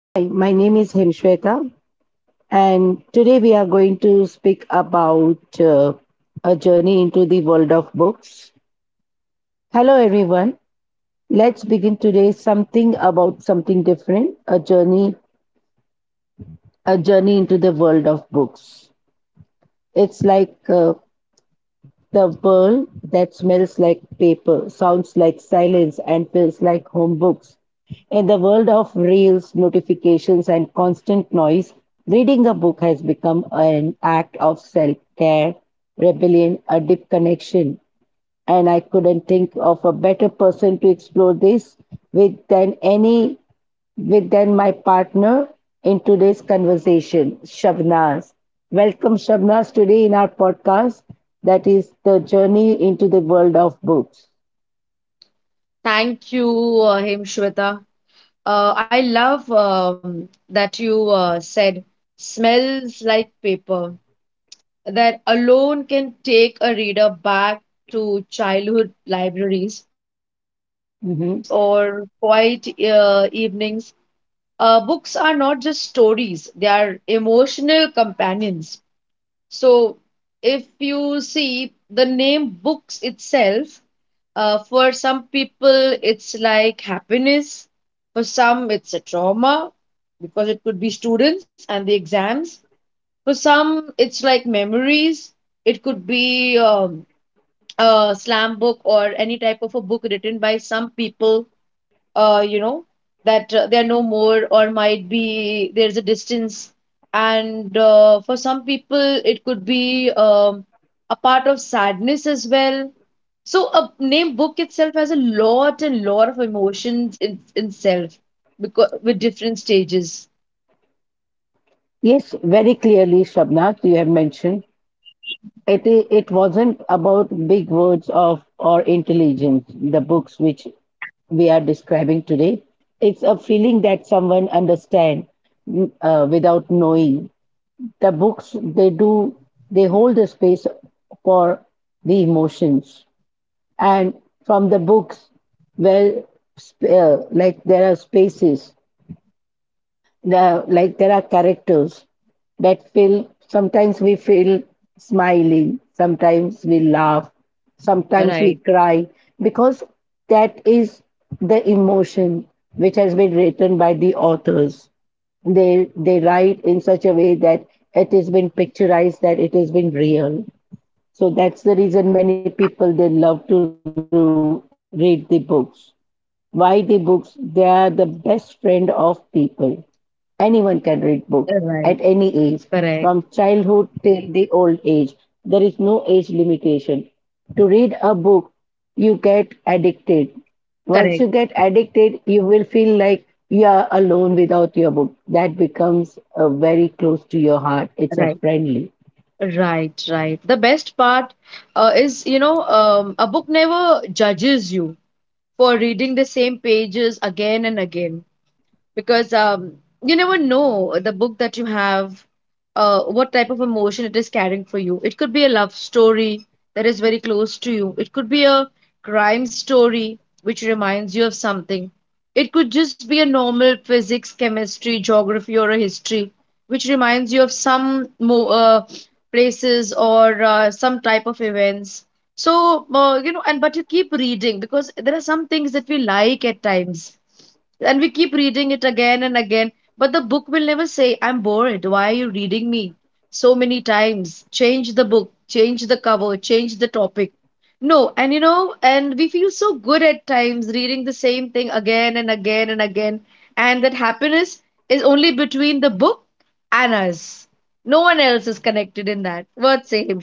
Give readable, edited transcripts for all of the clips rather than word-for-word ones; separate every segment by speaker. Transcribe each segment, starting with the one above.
Speaker 1: Hi, my name is Hemshweta, and today we are going to speak about a journey into the world of books. Hello, everyone. Let's begin today something about something different. A journey into the world of books. It's like the world that smells like paper, sounds like silence, and feels like home books. In the world of reels, notifications, and constant noise, reading a book has become an act of self care, rebellion, a deep connection. And I couldn't think of a better person to explore this with than any with then my partner in today's conversation, Shabnaz. Welcome, Shabnaz, today in our podcast that is the journey into the world of books.
Speaker 2: Thank you, Himshweta. I love that you said smells like paper. That alone can take a reader back to childhood libraries, school
Speaker 1: Mhm.
Speaker 2: days, or quiet evenings. Books are not just stories, they are emotional companions. So, if you see the name books itself, for some people it's like happiness, for some it's a trauma because it could be students and the exams. For some it's like memories. It could be a slam book or any type of a book written by some people uh, you know, that they're no more, or might be there's a distance. And for some people, it could be a part of sadness as well. So a name book itself has a lot and lot of emotions in itself because with different stages.
Speaker 1: Yes, very clearly, Shabnaz, you have mentioned it. It wasn't about big words of or intelligence. The books which we are describing today, it's a feeling that someone understands without knowing the books they do they hold the space for the emotions, and from the books well, like there are spaces, the like there are characters that feel, sometimes we feel smiling, sometimes we laugh, sometimes we
Speaker 2: Right,
Speaker 1: cry because that is the emotion which has been written by the authors. They write in such a way that it has been picturized that it has been real. So that's the reason many people they love to read the books. Why the books? They are the best friend of people. Anyone can read books
Speaker 2: right,
Speaker 1: at any age,
Speaker 2: correct,
Speaker 1: from childhood till the old age. There is no age limitation. To read a book, you get addicted. Once
Speaker 2: correct,
Speaker 1: you get addicted, you will feel like you are alone without your book. That becomes very close to your heart. It's a
Speaker 2: right,
Speaker 1: friendly.
Speaker 2: right, right. The best part is, a book never judges you for reading the same pages again and again because you never know the book that you have, what type of emotion it is carrying for you. It could be a love story that is very close to you. It could be a crime story which reminds you of something. It could just be a normal physics, chemistry, geography, or a history which reminds you of some places or some type of events. So, and but you keep reading because there are some things that we like at times and we keep reading it again and again. But the book will never say, I'm bored. Why are you reading me so many times? Change the book, change the cover, change the topic. No, and you know, and we feel so good at times reading the same thing again and again and again. And that happiness is only between the book and us. No one else is connected in that. What say him.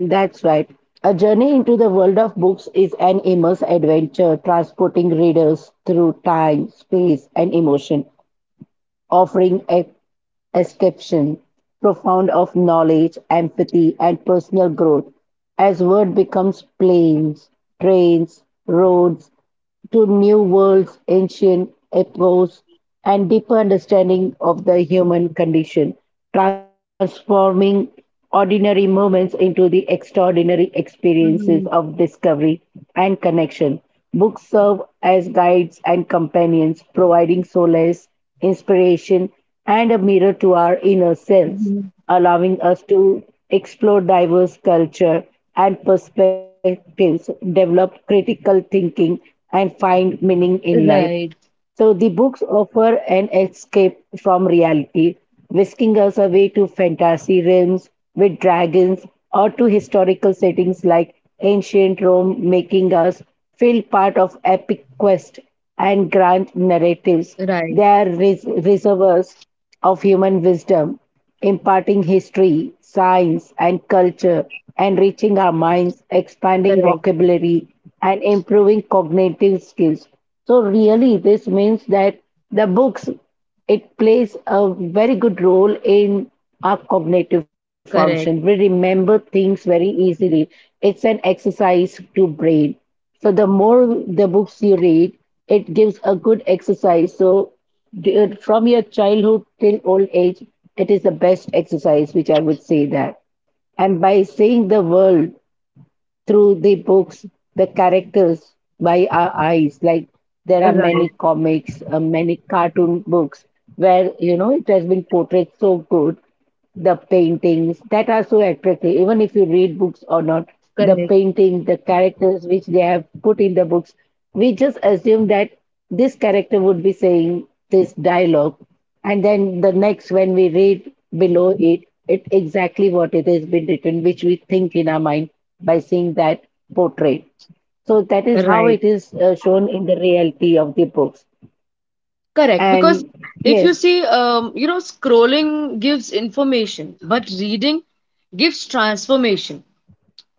Speaker 1: That's right. A journey into the world of books is an immense adventure, transporting readers through time, space, and emotion, offering a escapation, profound of knowledge, empathy, and personal growth. As word becomes planes, trains, roads, to new worlds, ancient epochs, and deeper understanding of the human condition, transforming ordinary moments into the extraordinary experiences
Speaker 2: Mm-hmm.
Speaker 1: of discovery and connection. Books serve as guides and companions, providing solace, inspiration, and a mirror to our inner selves, allowing us to explore diverse culture and perspectives, develop critical thinking, and find meaning in life.
Speaker 2: Right.
Speaker 1: So the books offer an escape from reality, whisking us away to fantasy realms with dragons or to historical settings like ancient Rome, making us feel part of epic quest and grand narratives.
Speaker 2: Right,
Speaker 1: They are reservoirs of human wisdom, imparting history, science, and culture, enriching our minds, expanding
Speaker 2: correct,
Speaker 1: vocabulary, and improving cognitive skills. So really, this means that the books, it plays a very good role in our cognitive function. We
Speaker 2: correct,
Speaker 1: remember things very easily. It's an exercise to brain. So the more the books you read, it gives a good exercise. So from your childhood till old age, it is the best exercise, which I would say that. And by saying the world through the books, the characters by our eyes. Like there are
Speaker 2: right.
Speaker 1: many comics, many cartoon books where it has been portrayed so good, the paintings that are so attractive even if you read books or not, the
Speaker 2: Correct.
Speaker 1: painting, the characters which they have put in the books, we just assume that this character would be saying this dialogue, and then the next when we read below it, it exactly what it has been written which we think in our mind by seeing that portrait. So that is how
Speaker 2: Right.
Speaker 1: it is shown in the reality of the books.
Speaker 2: Correct, because
Speaker 1: And
Speaker 2: if you
Speaker 1: yes.
Speaker 2: see, scrolling gives information, but reading gives transformation.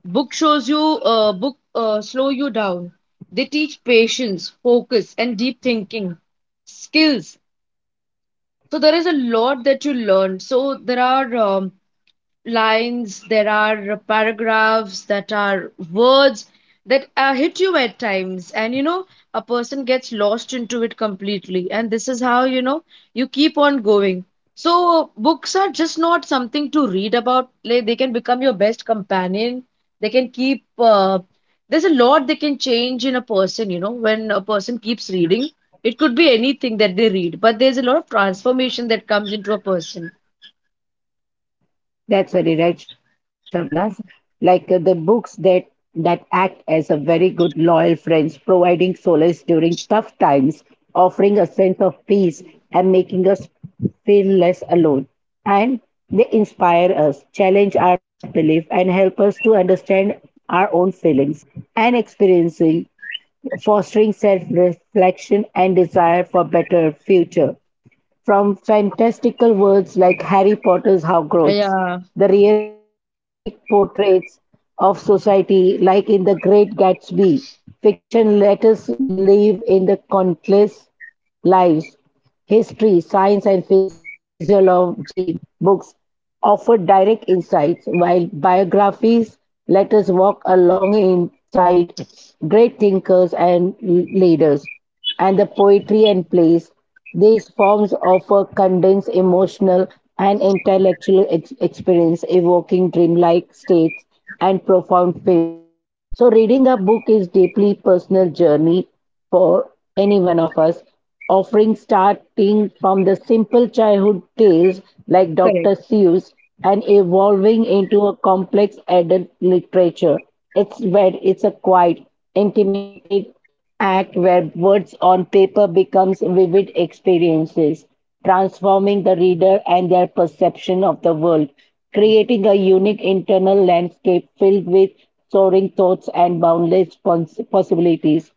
Speaker 2: Book slow you down. They teach patience, focus, and deep thinking skills. So there is a lot that you learn. So there are lines, there are paragraphs that are words that hit you at times. And you know, a person gets lost into it completely. And this is how, you know, you keep on going. So, books are just not something to read about. Like, they can become your best companion. They can keep, there's a lot they can change in a person, you know, when a person keeps reading. It could be anything that they read, but there's a lot of transformation that comes into a person.
Speaker 1: That's very right, Shabnas. Like the books that that act as a very good loyal friends, providing solace during tough times, offering a sense of peace, and making us feel less alone. And they inspire us, challenge our belief, and help us to understand our own feelings and experiencing, fostering self-reflection and desire for better future. From fantastical worlds like Harry Potter's
Speaker 2: Yeah,
Speaker 1: Hogwarts, the realistic portraits of society, like in The Great Gatsby, fiction let us live in the countless lives, history, science, and physiology books offer direct insights, while biographies let us walk alongside great thinkers and leaders. And the poetry and plays, these forms offer condensed emotional and intellectual experience, evoking dreamlike states and profound feelings. So reading a book is deeply personal journey for any one of us, offering starting from the simple childhood tales like
Speaker 2: correct.
Speaker 1: Dr. Seuss and evolving into a complex adult literature. It's where it's a quiet, intimate act where words on paper becomes vivid experiences, transforming the reader and their perception of the world, creating a unique internal landscape filled with soaring thoughts and boundless possibilities.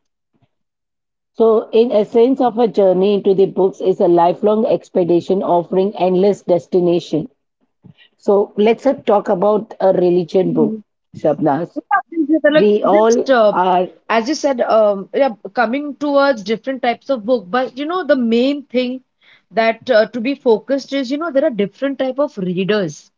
Speaker 1: So in essence of a journey into the books is a lifelong expedition offering endless destination. So let's talk about a religion
Speaker 2: Mm-hmm.
Speaker 1: book, Shabnas.
Speaker 2: Yeah, like
Speaker 1: We
Speaker 2: just
Speaker 1: all are.
Speaker 2: as you said, yeah, coming towards different types of book, but you know the main thing that to be focused is, you know, there are different type of readers.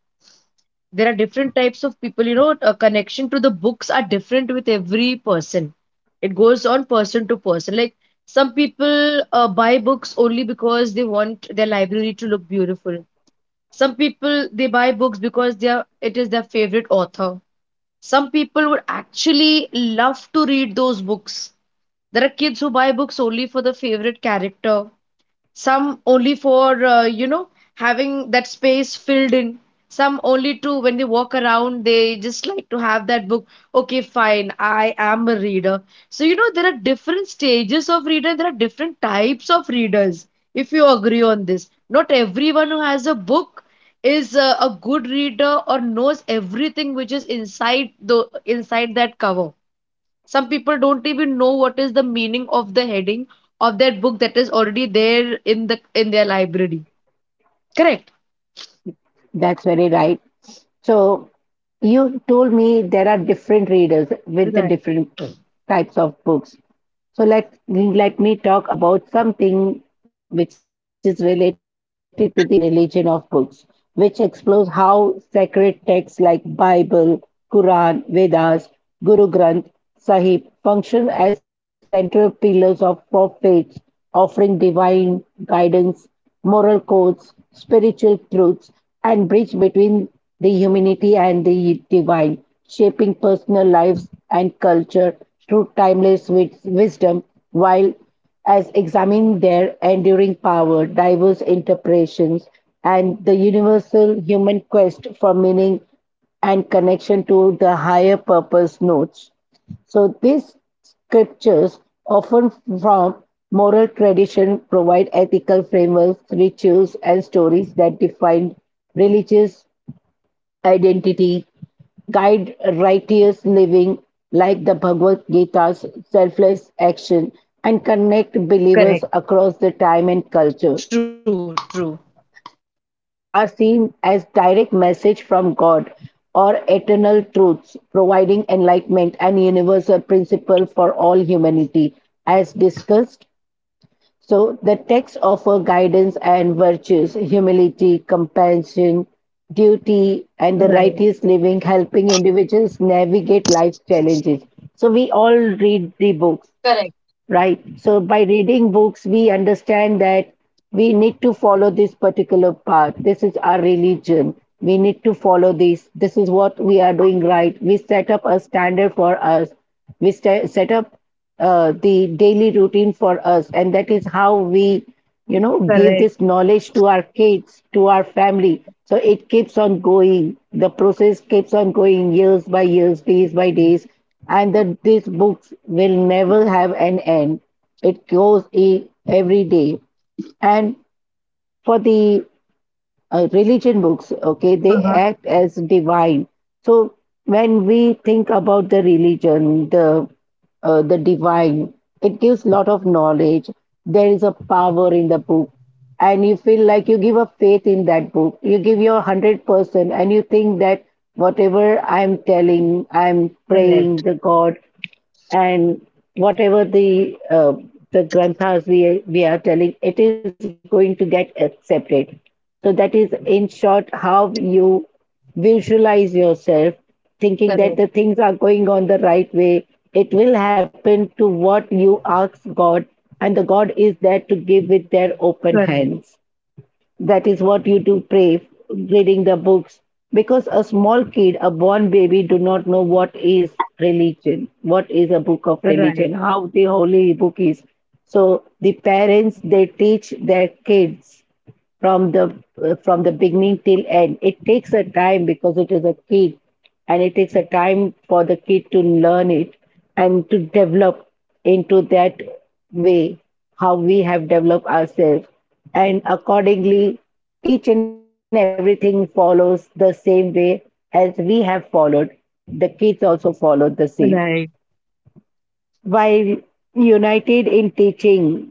Speaker 2: There are different types of people. You know, a connection to the books are different with every person. It goes on person to person. Like some people buy books only because they want their library to look beautiful. Some people they buy books because they are it is their favorite author, some people would actually love to read those books. There are kids who buy books only for the favorite character, some only for having that space filled in, some only to when they walk around they just like to have that book. Okay, fine, I am a reader. So you know there are different stages of reader, there are different types of readers, if you agree on this. Not everyone who has a book is a good reader or knows everything which is inside the inside that cover. Some people don't even know what is the meaning of the heading of that book that is already there in the in their library. Correct?
Speaker 1: That's very right. So you told me there are different readers with the
Speaker 2: Right.
Speaker 1: different types of books. So let me talk about something which is related to the religion of books, which explores how sacred texts like Bible, Quran, Vedas, Guru Granth Sahib function as central pillars of for faith, offering divine guidance, moral codes, spiritual truths, and bridge between the humanity and the divine, shaping personal lives and culture through timeless wisdom while as examining their enduring power, diverse interpretations, and the universal human quest for meaning and connection to the higher purpose notes. So these scriptures, often from moral tradition, provide ethical frameworks, rituals, and stories that define religious identity, guide righteous living like the Bhagavad Gita's selfless action and connect believers
Speaker 2: Correct.
Speaker 1: across the time and culture.
Speaker 2: True, true.
Speaker 1: So the holy books are seen as direct message from God or eternal truths providing enlightenment and universal principle for all humanity as discussed. So the texts offer guidance and virtues, humility, compassion, duty, and the
Speaker 2: Right.
Speaker 1: righteous living, helping individuals navigate life's challenges. So we all read the books,
Speaker 2: Correct.
Speaker 1: right? So by reading books, we understand that we need to follow this particular path. This is our religion. We need to follow this. This is what we are doing right. We set up a standard for us. We sta set up the daily routine for us, and that is how we, give
Speaker 2: Correct.
Speaker 1: this knowledge to our kids, to our family. So it keeps on going. The process keeps on going years by years, days by days, and that these books will never have an end. It goes every day. And for the religion books, okay, they
Speaker 2: Uh-huh.
Speaker 1: act as divine. So when we think about the religion, the divine, it gives lot of knowledge. There is a power in the book, and you feel like you give a faith in that book. You give your 100%, and you think that whatever I'm telling, I'm praying
Speaker 2: Correct.
Speaker 1: the God, and whatever the granthas we are telling, it is going to get accepted. So that is, in short, how you visualize yourself, thinking that the
Speaker 2: Correct.
Speaker 1: things are going on the right way. It will happen to what you ask God, and the God is there to give with their open
Speaker 2: Correct.
Speaker 1: hands. That is what you do pray reading the books because a small kid, a born baby do not know what is religion, what is a book of religion,
Speaker 2: Right.
Speaker 1: how the holy book is. So the parents they teach their kids from the beginning till end. It takes a time because it is a kid, and it takes a time for the kid to learn it and to develop into that way how we have developed ourselves, and accordingly each and everything follows the same way as we have followed. The kids also follow the same
Speaker 2: Right.
Speaker 1: while united in teaching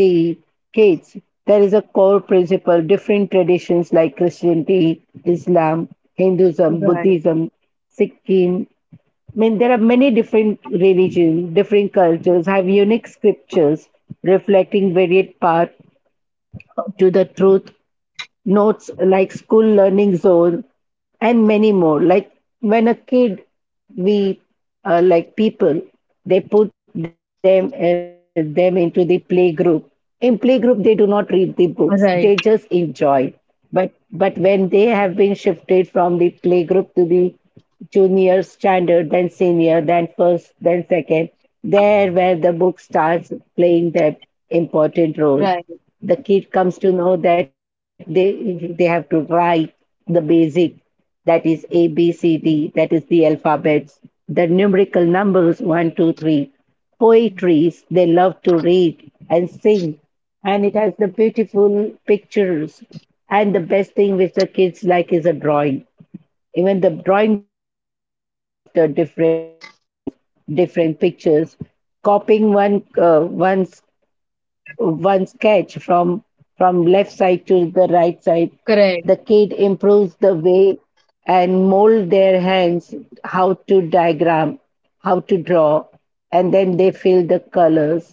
Speaker 1: the kids. There is a core principle. Different traditions like Christianity, Islam, Hinduism,
Speaker 2: Right.
Speaker 1: Buddhism, Sikhism, I mean, there are many different religions, different cultures have unique scriptures reflecting varied paths to the truth, notes like school learning zone and many more. Like when a kid, we like people, they put them into the play group. In play group they do not read the books, they just
Speaker 2: Right.
Speaker 1: enjoy. But when they have been shifted from the play group to the junior standard, then senior, then first, then second, there where the book starts playing their important role.
Speaker 2: Right.
Speaker 1: The kid comes to know that they have to write the basic, that is a b c d, that is the alphabets, the numerical numbers 1, 2, 3. Poetries, they love to read and sing, and it has the beautiful pictures. And the best thing which the kids like is a drawing. Even the drawing book has the different shades, colors, different pictures, copying one's one sketch from left side to the right side.
Speaker 2: Correct.
Speaker 1: The kid improves the way and mold their hands, how to diagram, how to draw, and then they fill the colors.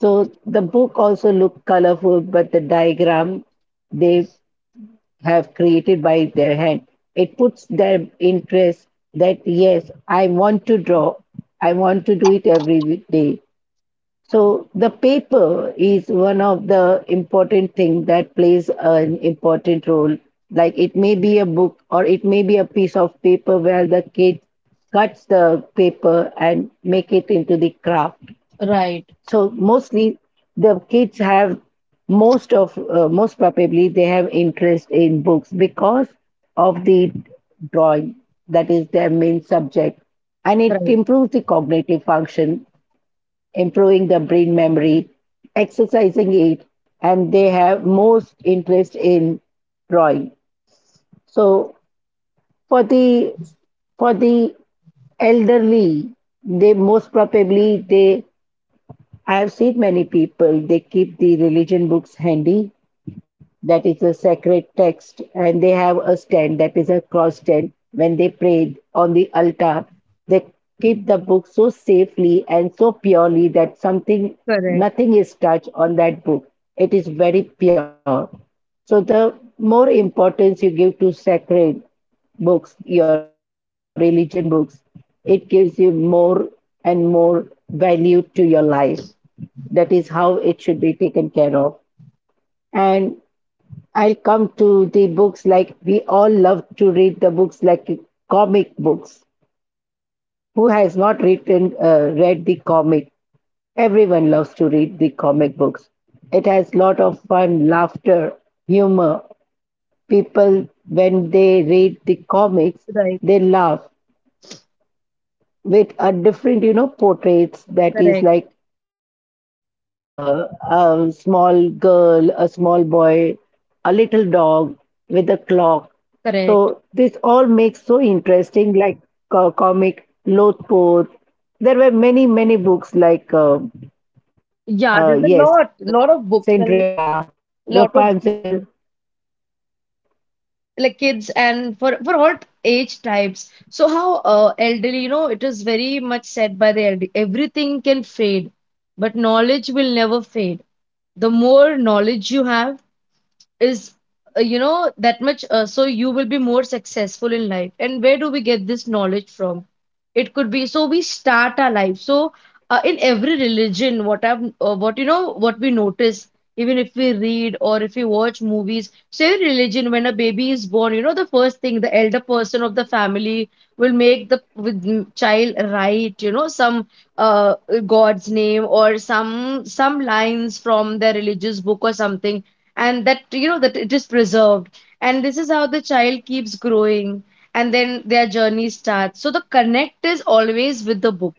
Speaker 1: So the book also look colorful, but the diagram, they have created by their hand. It puts their interest, that yes, I want to draw, I want to do it every day. So the paper is one of the important thing that plays an important role. Like it may be a book or it may be a piece of paper where the kid cuts the paper and make it into the craft.
Speaker 2: Right.
Speaker 1: So mostly the kids have most probably they have interest in books because of the drawing, that is their main subject, and it
Speaker 2: Right.
Speaker 1: improves the cognitive function, improving the brain memory, exercising it, and they have most interest in drawing. So for the for the elderly, they most probably they I have seen many people, they keep the religion books handy, that is a sacred text, and they have a stand, that is a cross stand. When they pray on the altar, they keep the book so safely and so purely that something,
Speaker 2: Correct.
Speaker 1: nothing is touched on that book. It is very pure. So the more importance you give to sacred books, your religion books, it gives you more and more value to your life. That is how it should be taken care of. And I'll come to the books, like we all love to read the books like comic books. Who has not written read the comic? Everyone loves to read the comic books. It has lot of fun, laughter, humor. People when they read the comics,
Speaker 2: Right.
Speaker 1: they laugh with a different portraits, that
Speaker 2: Correct.
Speaker 1: is like a small girl, a small boy, a little dog with a clock.
Speaker 2: Correct.
Speaker 1: So this all makes so interesting, like comic Lothpoth. There were many, many books like
Speaker 2: Yeah, there's a
Speaker 1: yes,
Speaker 2: lot, lot of books and
Speaker 1: Cinderella,
Speaker 2: lot of
Speaker 1: Rapunzel.
Speaker 2: like kids and for all age types. So how elderly, you know, it is very much said by the elderly, everything can fade but knowledge will never fade. The more knowledge you have is, you know, that much so you will be more successful in life. And where do we get this knowledge from? It could be, so we start our life, so in every religion what you know what we notice, even if we read or if we watch movies, so every religion when a baby is born, you know, the first thing the elder person of the family will make the with child write, you know, some uh, god's name or some lines from their religious book or something, and that you know that it is preserved. And this is how the child keeps growing, and then their journey starts. So the connect is always with the book.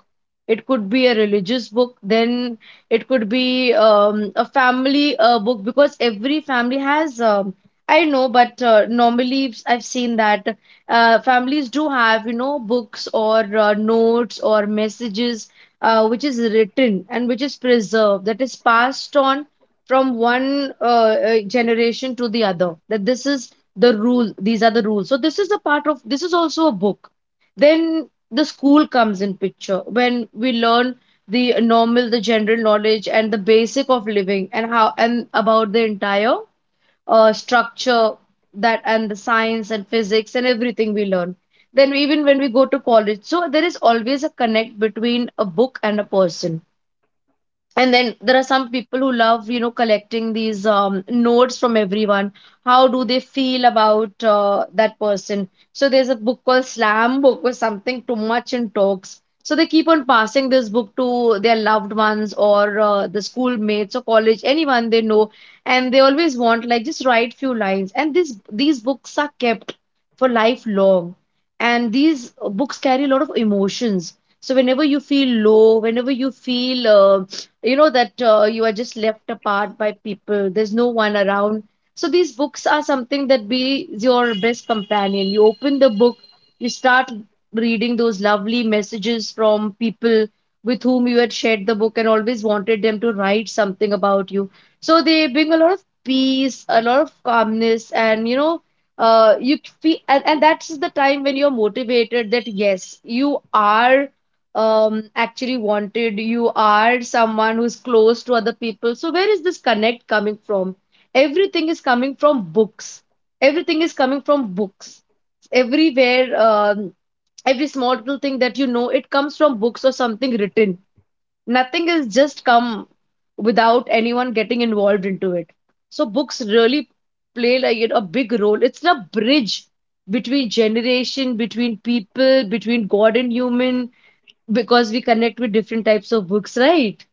Speaker 2: It could be a religious book, then it could be a family book, because every family has, I know but normally I've seen that families do have, you know, books or notes or messages which is written and which is preserved, that is passed on from one generation to the other, that this is the rule, these are the rules. So this is a part of, this is also a book. Then the school comes in picture when we learn the normal, the general knowledge and the basic of living and how and about the entire structure, that and the science and physics and everything we learn. Then even when we go to college, so there is always a connect between a book and a person. And then there are some people who love, you know, collecting these notes from everyone. How do they feel about that person? So there's a book called Slam Book or something, Too Much in Talks. So they keep on passing this book to their loved ones or the schoolmates or college, anyone they know, and they always want like just write few lines. And this these books are kept for lifelong, and these books carry a lot of emotions. So whenever you feel low, whenever you feel you know that you are just left apart by people, there's no one around, so these books are something that be your best companion. You open the book, you start reading those lovely messages from people with whom you had shared the book and always wanted them to write something about you. So they bring a lot of peace, a lot of calmness, and you know, you feel, and that's the time when you're motivated that yes, you are, um, actually wanted, you are someone who's close to other people. So where is this connect coming from? Everything is coming from books. Everything is coming from books everywhere. Every small little thing that you know it comes from books or something written. Nothing is just come without anyone getting involved into it. So books really play like a big role. It's a bridge between generation, between people, between god and human, because we connect with different types of books, right?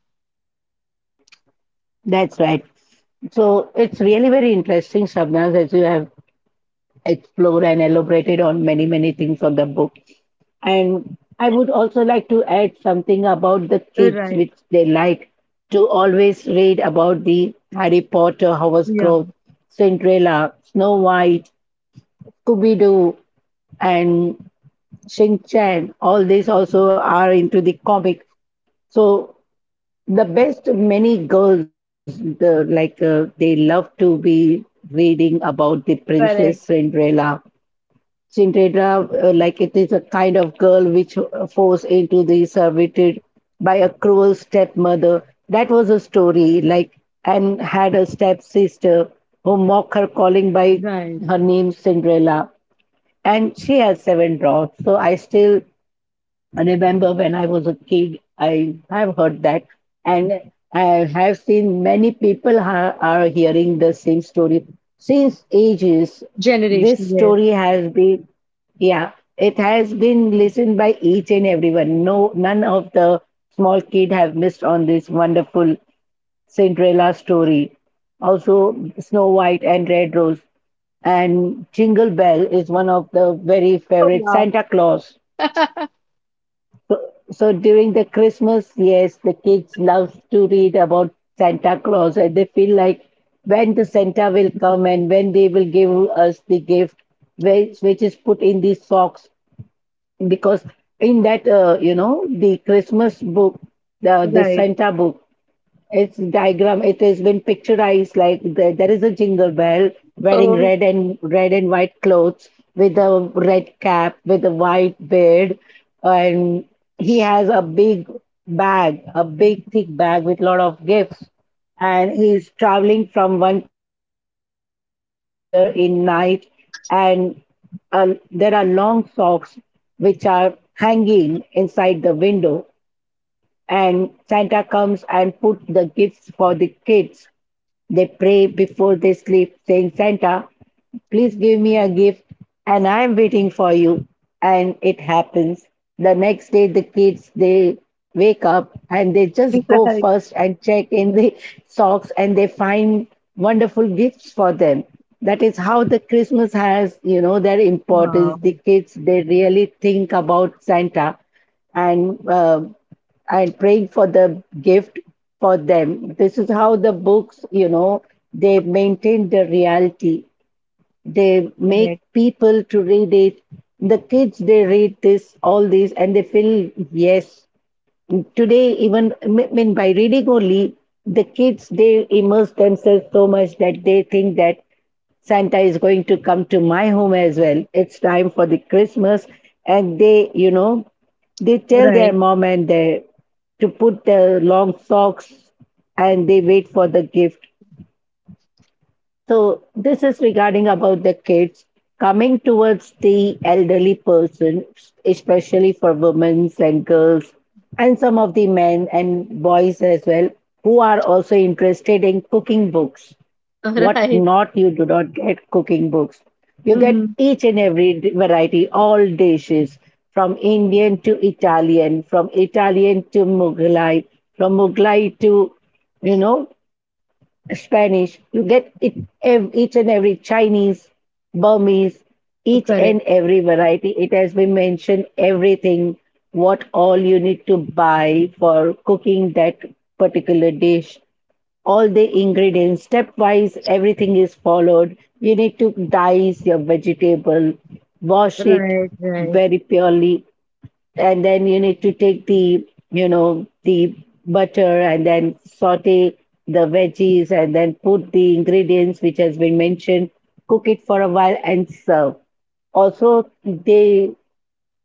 Speaker 1: That's right. So it's really very interesting, Shabnaz, as you have explored and elaborated on many, many things on the book. And I would also like to add something about the kids,
Speaker 2: Right.
Speaker 1: which they like to always read about the Harry Potter, Howard's
Speaker 2: Yeah.
Speaker 1: Grove, Cinderella, Snow White, Scooby Doo, and Shin Chan. All these also are into the comic. So the best many girls, the, like they love to be reading about the Princess
Speaker 2: Correct.
Speaker 1: Cinderella, like it is a kind of girl which forced into the servitude by a cruel stepmother. That was a story, like, and had a stepsister who mocked her, calling by
Speaker 2: Right.
Speaker 1: her name Cinderella. And she has seven daughters. So I remember when I was a kid, I have heard that, and I have seen many people are hearing the same story since ages. This
Speaker 2: Generation, yes.
Speaker 1: story has been, yeah, it has been listened by each and everyone. No, none of the small kid have missed on this wonderful Cinderella story. Also, Snow White and Red Rose, and Jingle Bell is one of the very
Speaker 2: Oh,
Speaker 1: favorite
Speaker 2: wow.
Speaker 1: Santa Claus. So, so during the Christmas, yes, the kids love to read about Santa Claus and they feel like, when the Santa will come and when they will give us the gift, which is put in the socks. Because in that, the Christmas book, the
Speaker 2: Right.
Speaker 1: Santa book, its diagram, it has been picturized like, there is a jingle bell wearing
Speaker 2: Oh,
Speaker 1: red and red and white clothes, with a red cap, with a white beard, and he has a big bag, a big thick bag with lot of gifts, and he's traveling from one place to another in night, and uh, there are long socks which are hanging inside the window, and Santa comes and put the gifts for the kids. They pray before they sleep, saying, Santa, please give me a gift, and I'm waiting for you. And it happens, the next day the kids, they wake up and they just go
Speaker 2: right.
Speaker 1: first and check in the socks, and they find wonderful gifts for them. That is how the Christmas has, you know, their
Speaker 2: Wow.
Speaker 1: importance. The kids, they really think about Santa, and uh, and praying for the gift for them. This is how the books, you know, they maintain the reality. They
Speaker 2: Correct.
Speaker 1: make people to read it. The kids, they read this, all these, and they feel, yes, today even, I mean, by reading only, the kids, they immerse themselves so much that they think that Santa is going to come to my home as well, it's time for the Christmas. And they, you know, they tell their
Speaker 2: Right.
Speaker 1: mom and their, to put their long socks and they wait for the gift. So this is regarding about the kids. Coming towards the elderly person, especially for women and girls, and some of the men and boys as well, who are also interested in cooking books. What
Speaker 2: Right.
Speaker 1: not you do not get cooking books. You get
Speaker 2: Mm-hmm.
Speaker 1: each and every variety, all dishes from Indian to Italian, from Italian to Mughlai, from Mughlai to, you know, Spanish. You get it, each and every Chinese, Burmese, each
Speaker 2: Correct.
Speaker 1: and every variety. It has been mentioned everything, what all you need to buy for cooking that particular dish, all the ingredients, stepwise, everything is followed. You need to dice your vegetable, wash it
Speaker 2: Right. Right.
Speaker 1: very purely, and then you need to take the you know the butter and then saute the veggies and then put the ingredients which has been mentioned, cook it for a while and serve. Also they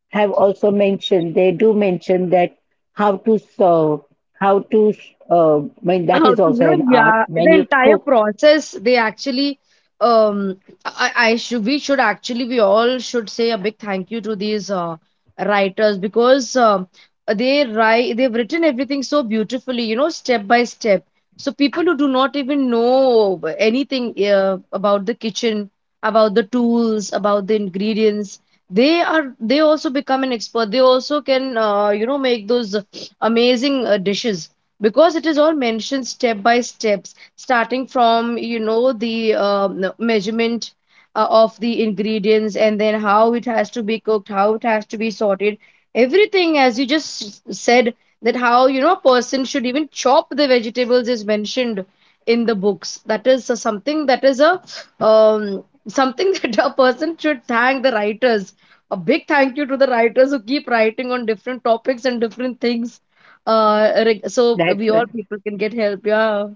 Speaker 1: have also mentioned, they do mention that how to serve, how to, I mean, that
Speaker 2: How
Speaker 1: is
Speaker 2: to, you
Speaker 1: also
Speaker 2: know,
Speaker 1: an art
Speaker 2: yeah,
Speaker 1: when
Speaker 2: the
Speaker 1: you
Speaker 2: entire
Speaker 1: cook.
Speaker 2: process they actually, um I should, we should actually we all should say a big thank you to these writers, because they write, they've written everything so beautifully, you know, step by step. So people who do not even know anything about the kitchen, about the tools, about the ingredients, they are they also become an expert. They also can, you know, make those amazing dishes, because it is all mentioned step by steps, starting from you know the measurement of the ingredients, and then how it has to be cooked, how it has to be sorted, everything as you just said. That how, you know, a person should even chop the vegetables is mentioned in the books. That is something that is a, something that a person should thank the writers. A big thank you to the writers who keep writing on different topics and different things, like, so we
Speaker 1: That's,
Speaker 2: all people can get help. Yeah,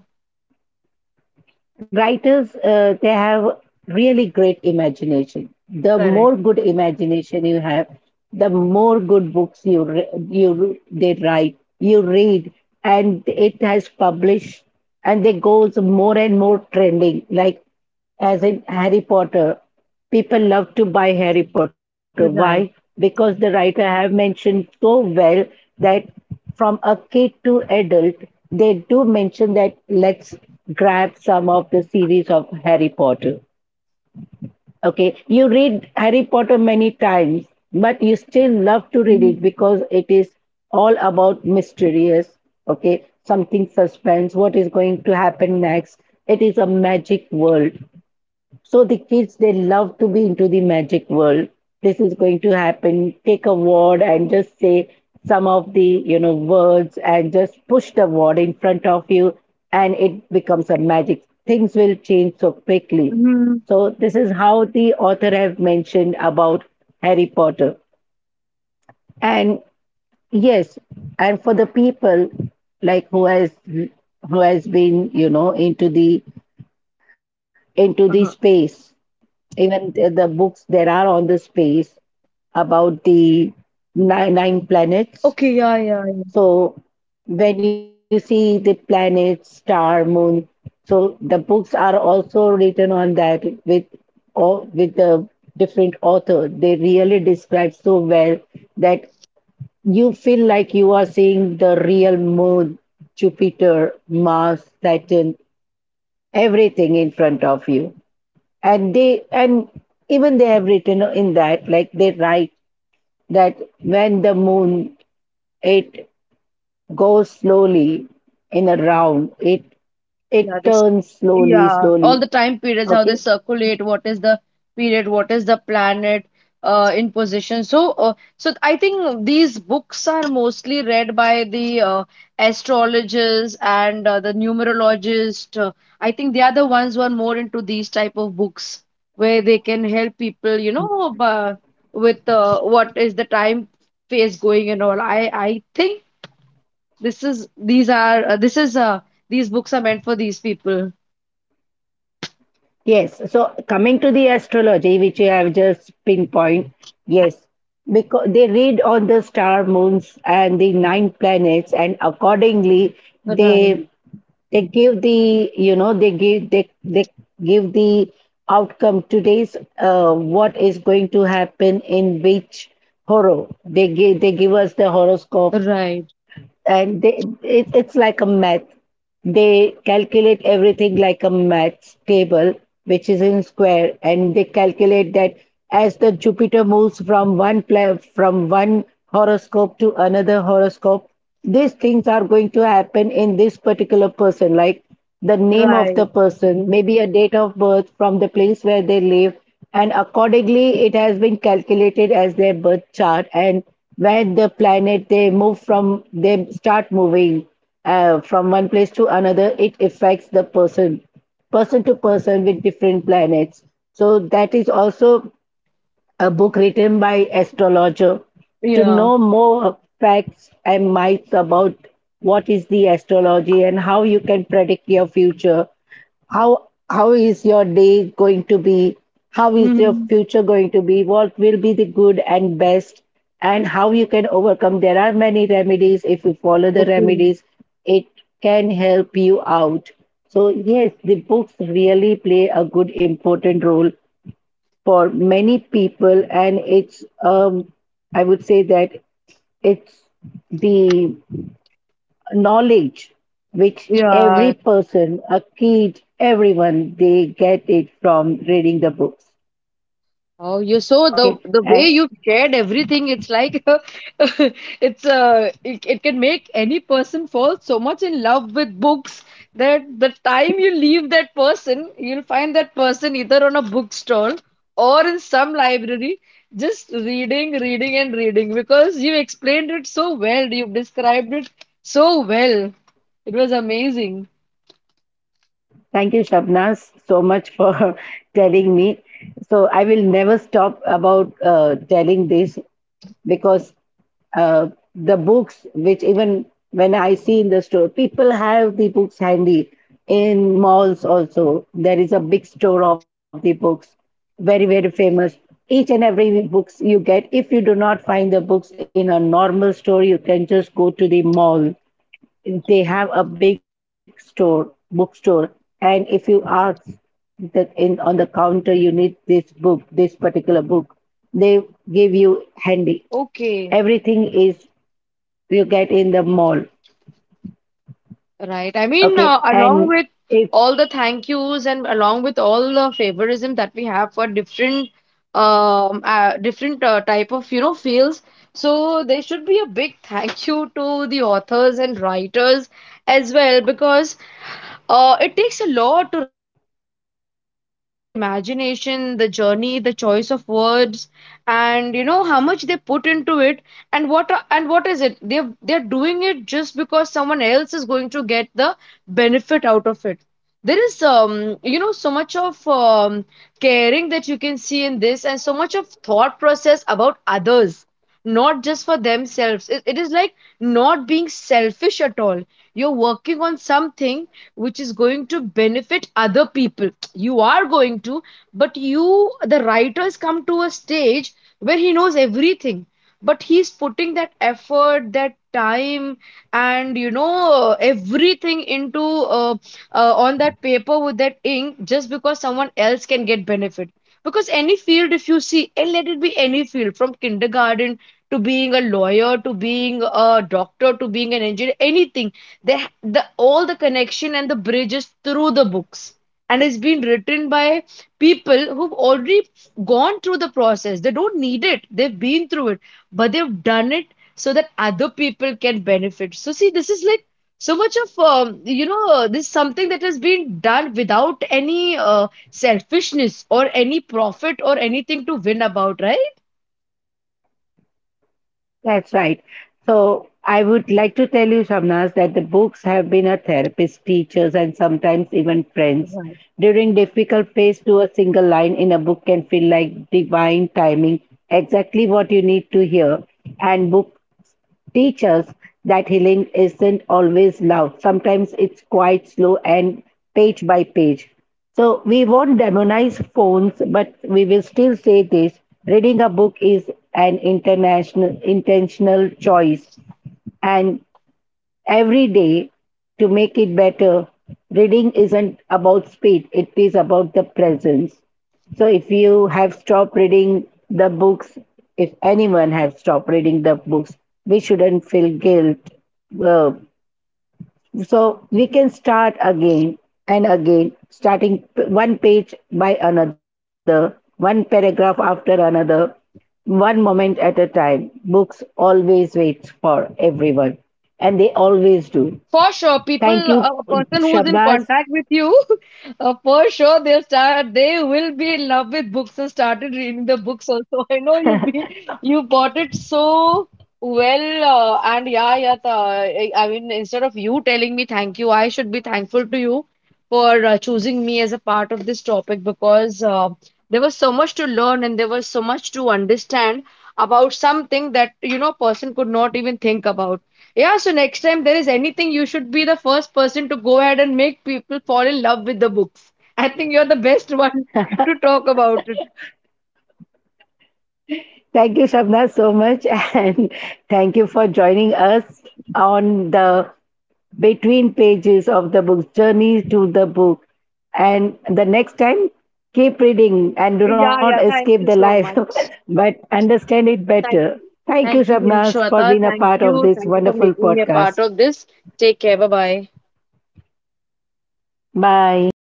Speaker 1: writers, they have really great imagination. The
Speaker 2: correct.
Speaker 1: more good imagination you have, the more good books you, they write, you read, and it has published, and they goes more and more trending, like as in Harry Potter. People love to buy Harry Potter. Why?
Speaker 2: Right.
Speaker 1: Because the writer have mentioned so well that from a kid to adult, they do mention that, let's grab some of the series of Harry Potter. Okay, you read Harry Potter many times, but you still love to read it
Speaker 2: Mm-hmm.
Speaker 1: because it is all about mysterious. Okay, something suspense. What is going to happen next? It is a magic world, so the kids, they love to be into the magic world. This is going to happen. Take a word and just say some of the, you know, words and just push the word in front of you, and it becomes a magic. Things will change so quickly.
Speaker 2: Mm-hmm.
Speaker 1: So this is how the author have mentioned about Harry Potter. And yes, and for the people like who has been, you know, into the
Speaker 2: Uh-huh.
Speaker 1: space, even the books there are on the space, about the nine planets.
Speaker 2: Okay. Yeah. Yeah.
Speaker 1: So when you see the planets, star, moon, so the books are also written on that with all with the different author. They really describe so well that you feel like you are seeing the real moon, Jupiter, Mars, Saturn, everything in front of you. And they, and even they have written in that, like they write that when the moon, it goes slowly in a round, it
Speaker 2: Yeah. This
Speaker 1: turns slowly,
Speaker 2: Yeah, all
Speaker 1: slowly.
Speaker 2: the time periods, how they
Speaker 1: Okay.
Speaker 2: circulate, what is the period, what is the planet in position. So I think these books are mostly read by the astrologers and the numerologists. I think they are the ones who are more into these type of books where they can help people, you know, with what is the time phase going and all. I think this is these are this is these books are meant for these people.
Speaker 1: Yes, so coming to the astrology which you have just pinpoint, yes, because they read on the star, moons, and the nine planets, and accordingly,
Speaker 2: Right.
Speaker 1: they they give, the you know they give the outcome, today's, what is going to happen, in which horror, they give us the horoscope.
Speaker 2: Right,
Speaker 1: And it's like a math, they calculate everything like a math table, which is in square, and they calculate that as the Jupiter moves from from one horoscope to another horoscope, these things are going to happen in this particular person, like the name of
Speaker 2: right.
Speaker 1: the person, maybe a date of birth, from the place where they live, and accordingly, it has been calculated as their birth chart, and where the planet they move from, they start moving from one place to another, it affects the person, person to person with different planets. So that is also a book written by astrologer, to
Speaker 2: Yeah.
Speaker 1: know more facts and myths about what is the astrology, and how you can predict your future, how is your day going to be, how is your
Speaker 2: Hmm.
Speaker 1: future going to be, what will be the good and best, and how you can overcome. There are many remedies, if you follow the
Speaker 2: Okay.
Speaker 1: remedies, it can help you out. So yes, the books really play a good important role for many people. And it's um I would say that, it's the knowledge which every
Speaker 2: Yeah.
Speaker 1: person, a kid, everyone, they get it from reading the books.
Speaker 2: Oh, you so the
Speaker 1: Okay.
Speaker 2: the way
Speaker 1: And
Speaker 2: you've shared everything, it's like it's it can make any person fall so much in love with books that the time you leave that person, you'll find that person either on a bookstall or in some library, just reading, reading and reading because you explained it so well, you described it so well. It was amazing.
Speaker 1: thank you, shabnas so much, for telling me. So I will never stop about telling this, because uh, the books, which even when I see in the store, people have the books handy. In malls also, there is a big store of the books, very, very famous. Each and every books you get. If you do not find the books in a normal store, you can just go to the mall, they have a big store, bookstore. And if you ask, that in, on the counter, you need this book, this particular book, they give you handy.
Speaker 2: Okay.
Speaker 1: Everything is, you get in the mall.
Speaker 2: Right. I mean,
Speaker 1: Okay.
Speaker 2: along
Speaker 1: And
Speaker 2: with
Speaker 1: if
Speaker 2: all the thank yous and along with all the favorism that we have for different different type of you know fields, so there should be a big thank you to the authors and writers as well because it takes a lot to write about something because the imagination, the journey, the choice of words, and you know how much they put into it, and what is it? They're doing it just because someone else is going to get the benefit out of it. There is you know so much of caring that you can see in this, and so much of thought process about others not just for themselves. It is like not being selfish at all. You're working on something which is going to benefit other people. You are going to, but you, the writer, has come to a stage where he knows everything. But he's putting that effort, that time, and you know everything into on that paper with that ink just because someone else can get benefit. Because any field, if you see, and let it be any field from kindergarten to being a lawyer to being a doctor to being an engineer, anything, they, the all the connection and the bridges through the books. And it's been written by people who've already gone through the process. They don't need it. They've been through it, but they've done it so that other people can benefit. So see, this is like so much of you know this something that has been done without any selfishness or any profit or anything to win about right.
Speaker 1: That's right. So I would like to tell you, Shamnas, that the books have been a therapist, teachers, and sometimes even friends. During difficult phase, to a single line in a book can feel like divine timing, exactly what you need to hear. And book teach us that healing isn't always loud. Sometimes it's quite slow and page by page. So we won't demonize phones, but we will still say this. Reading a book is an international, intentional choice, and every day to make it better. Reading isn't about speed, it is about the presence. So if you have stopped reading the books, if anyone has stopped reading the books, we shouldn't feel guilt. Uh, so we can start again and again, starting one page by another, one paragraph after another, one moment at a time. Books always waits for everyone, and they always do.
Speaker 2: For sure, people,
Speaker 1: Thank you,
Speaker 2: a person who's in
Speaker 1: Shabnaz.
Speaker 2: contact with you, for sure they'll start. They will be in love with books and started reading the books also. I know you be you bought it so well, and yeah, yeah. I mean, instead of you telling me thank you, I should be thankful to you for choosing me as a part of this topic because there was so much to learn and there was so much to understand about something that you know person could not even think about. Yeah, so next time there is anything, you should be the first person to go ahead and make people fall in love with the books. I think you're the best one to talk about it.
Speaker 1: Thank you, Shabnaz, so much. And thank you for joining us on the Between Pages of the Book, Journey to the Book. And the next time, keep reading and do not
Speaker 2: Yeah, yeah.
Speaker 1: escape
Speaker 2: Thank
Speaker 1: the
Speaker 2: you so
Speaker 1: life,
Speaker 2: much.
Speaker 1: but understand it
Speaker 2: Thank,
Speaker 1: better.
Speaker 2: you.
Speaker 1: Thank you,
Speaker 2: Thank you,
Speaker 1: Shabnaz, for
Speaker 2: Himshweta.
Speaker 1: being a
Speaker 2: Thank
Speaker 1: part of
Speaker 2: you.
Speaker 1: this
Speaker 2: Thank you for
Speaker 1: wonderful
Speaker 2: making me a part
Speaker 1: podcast.
Speaker 2: of this. Take care. Bye bye.
Speaker 1: Bye.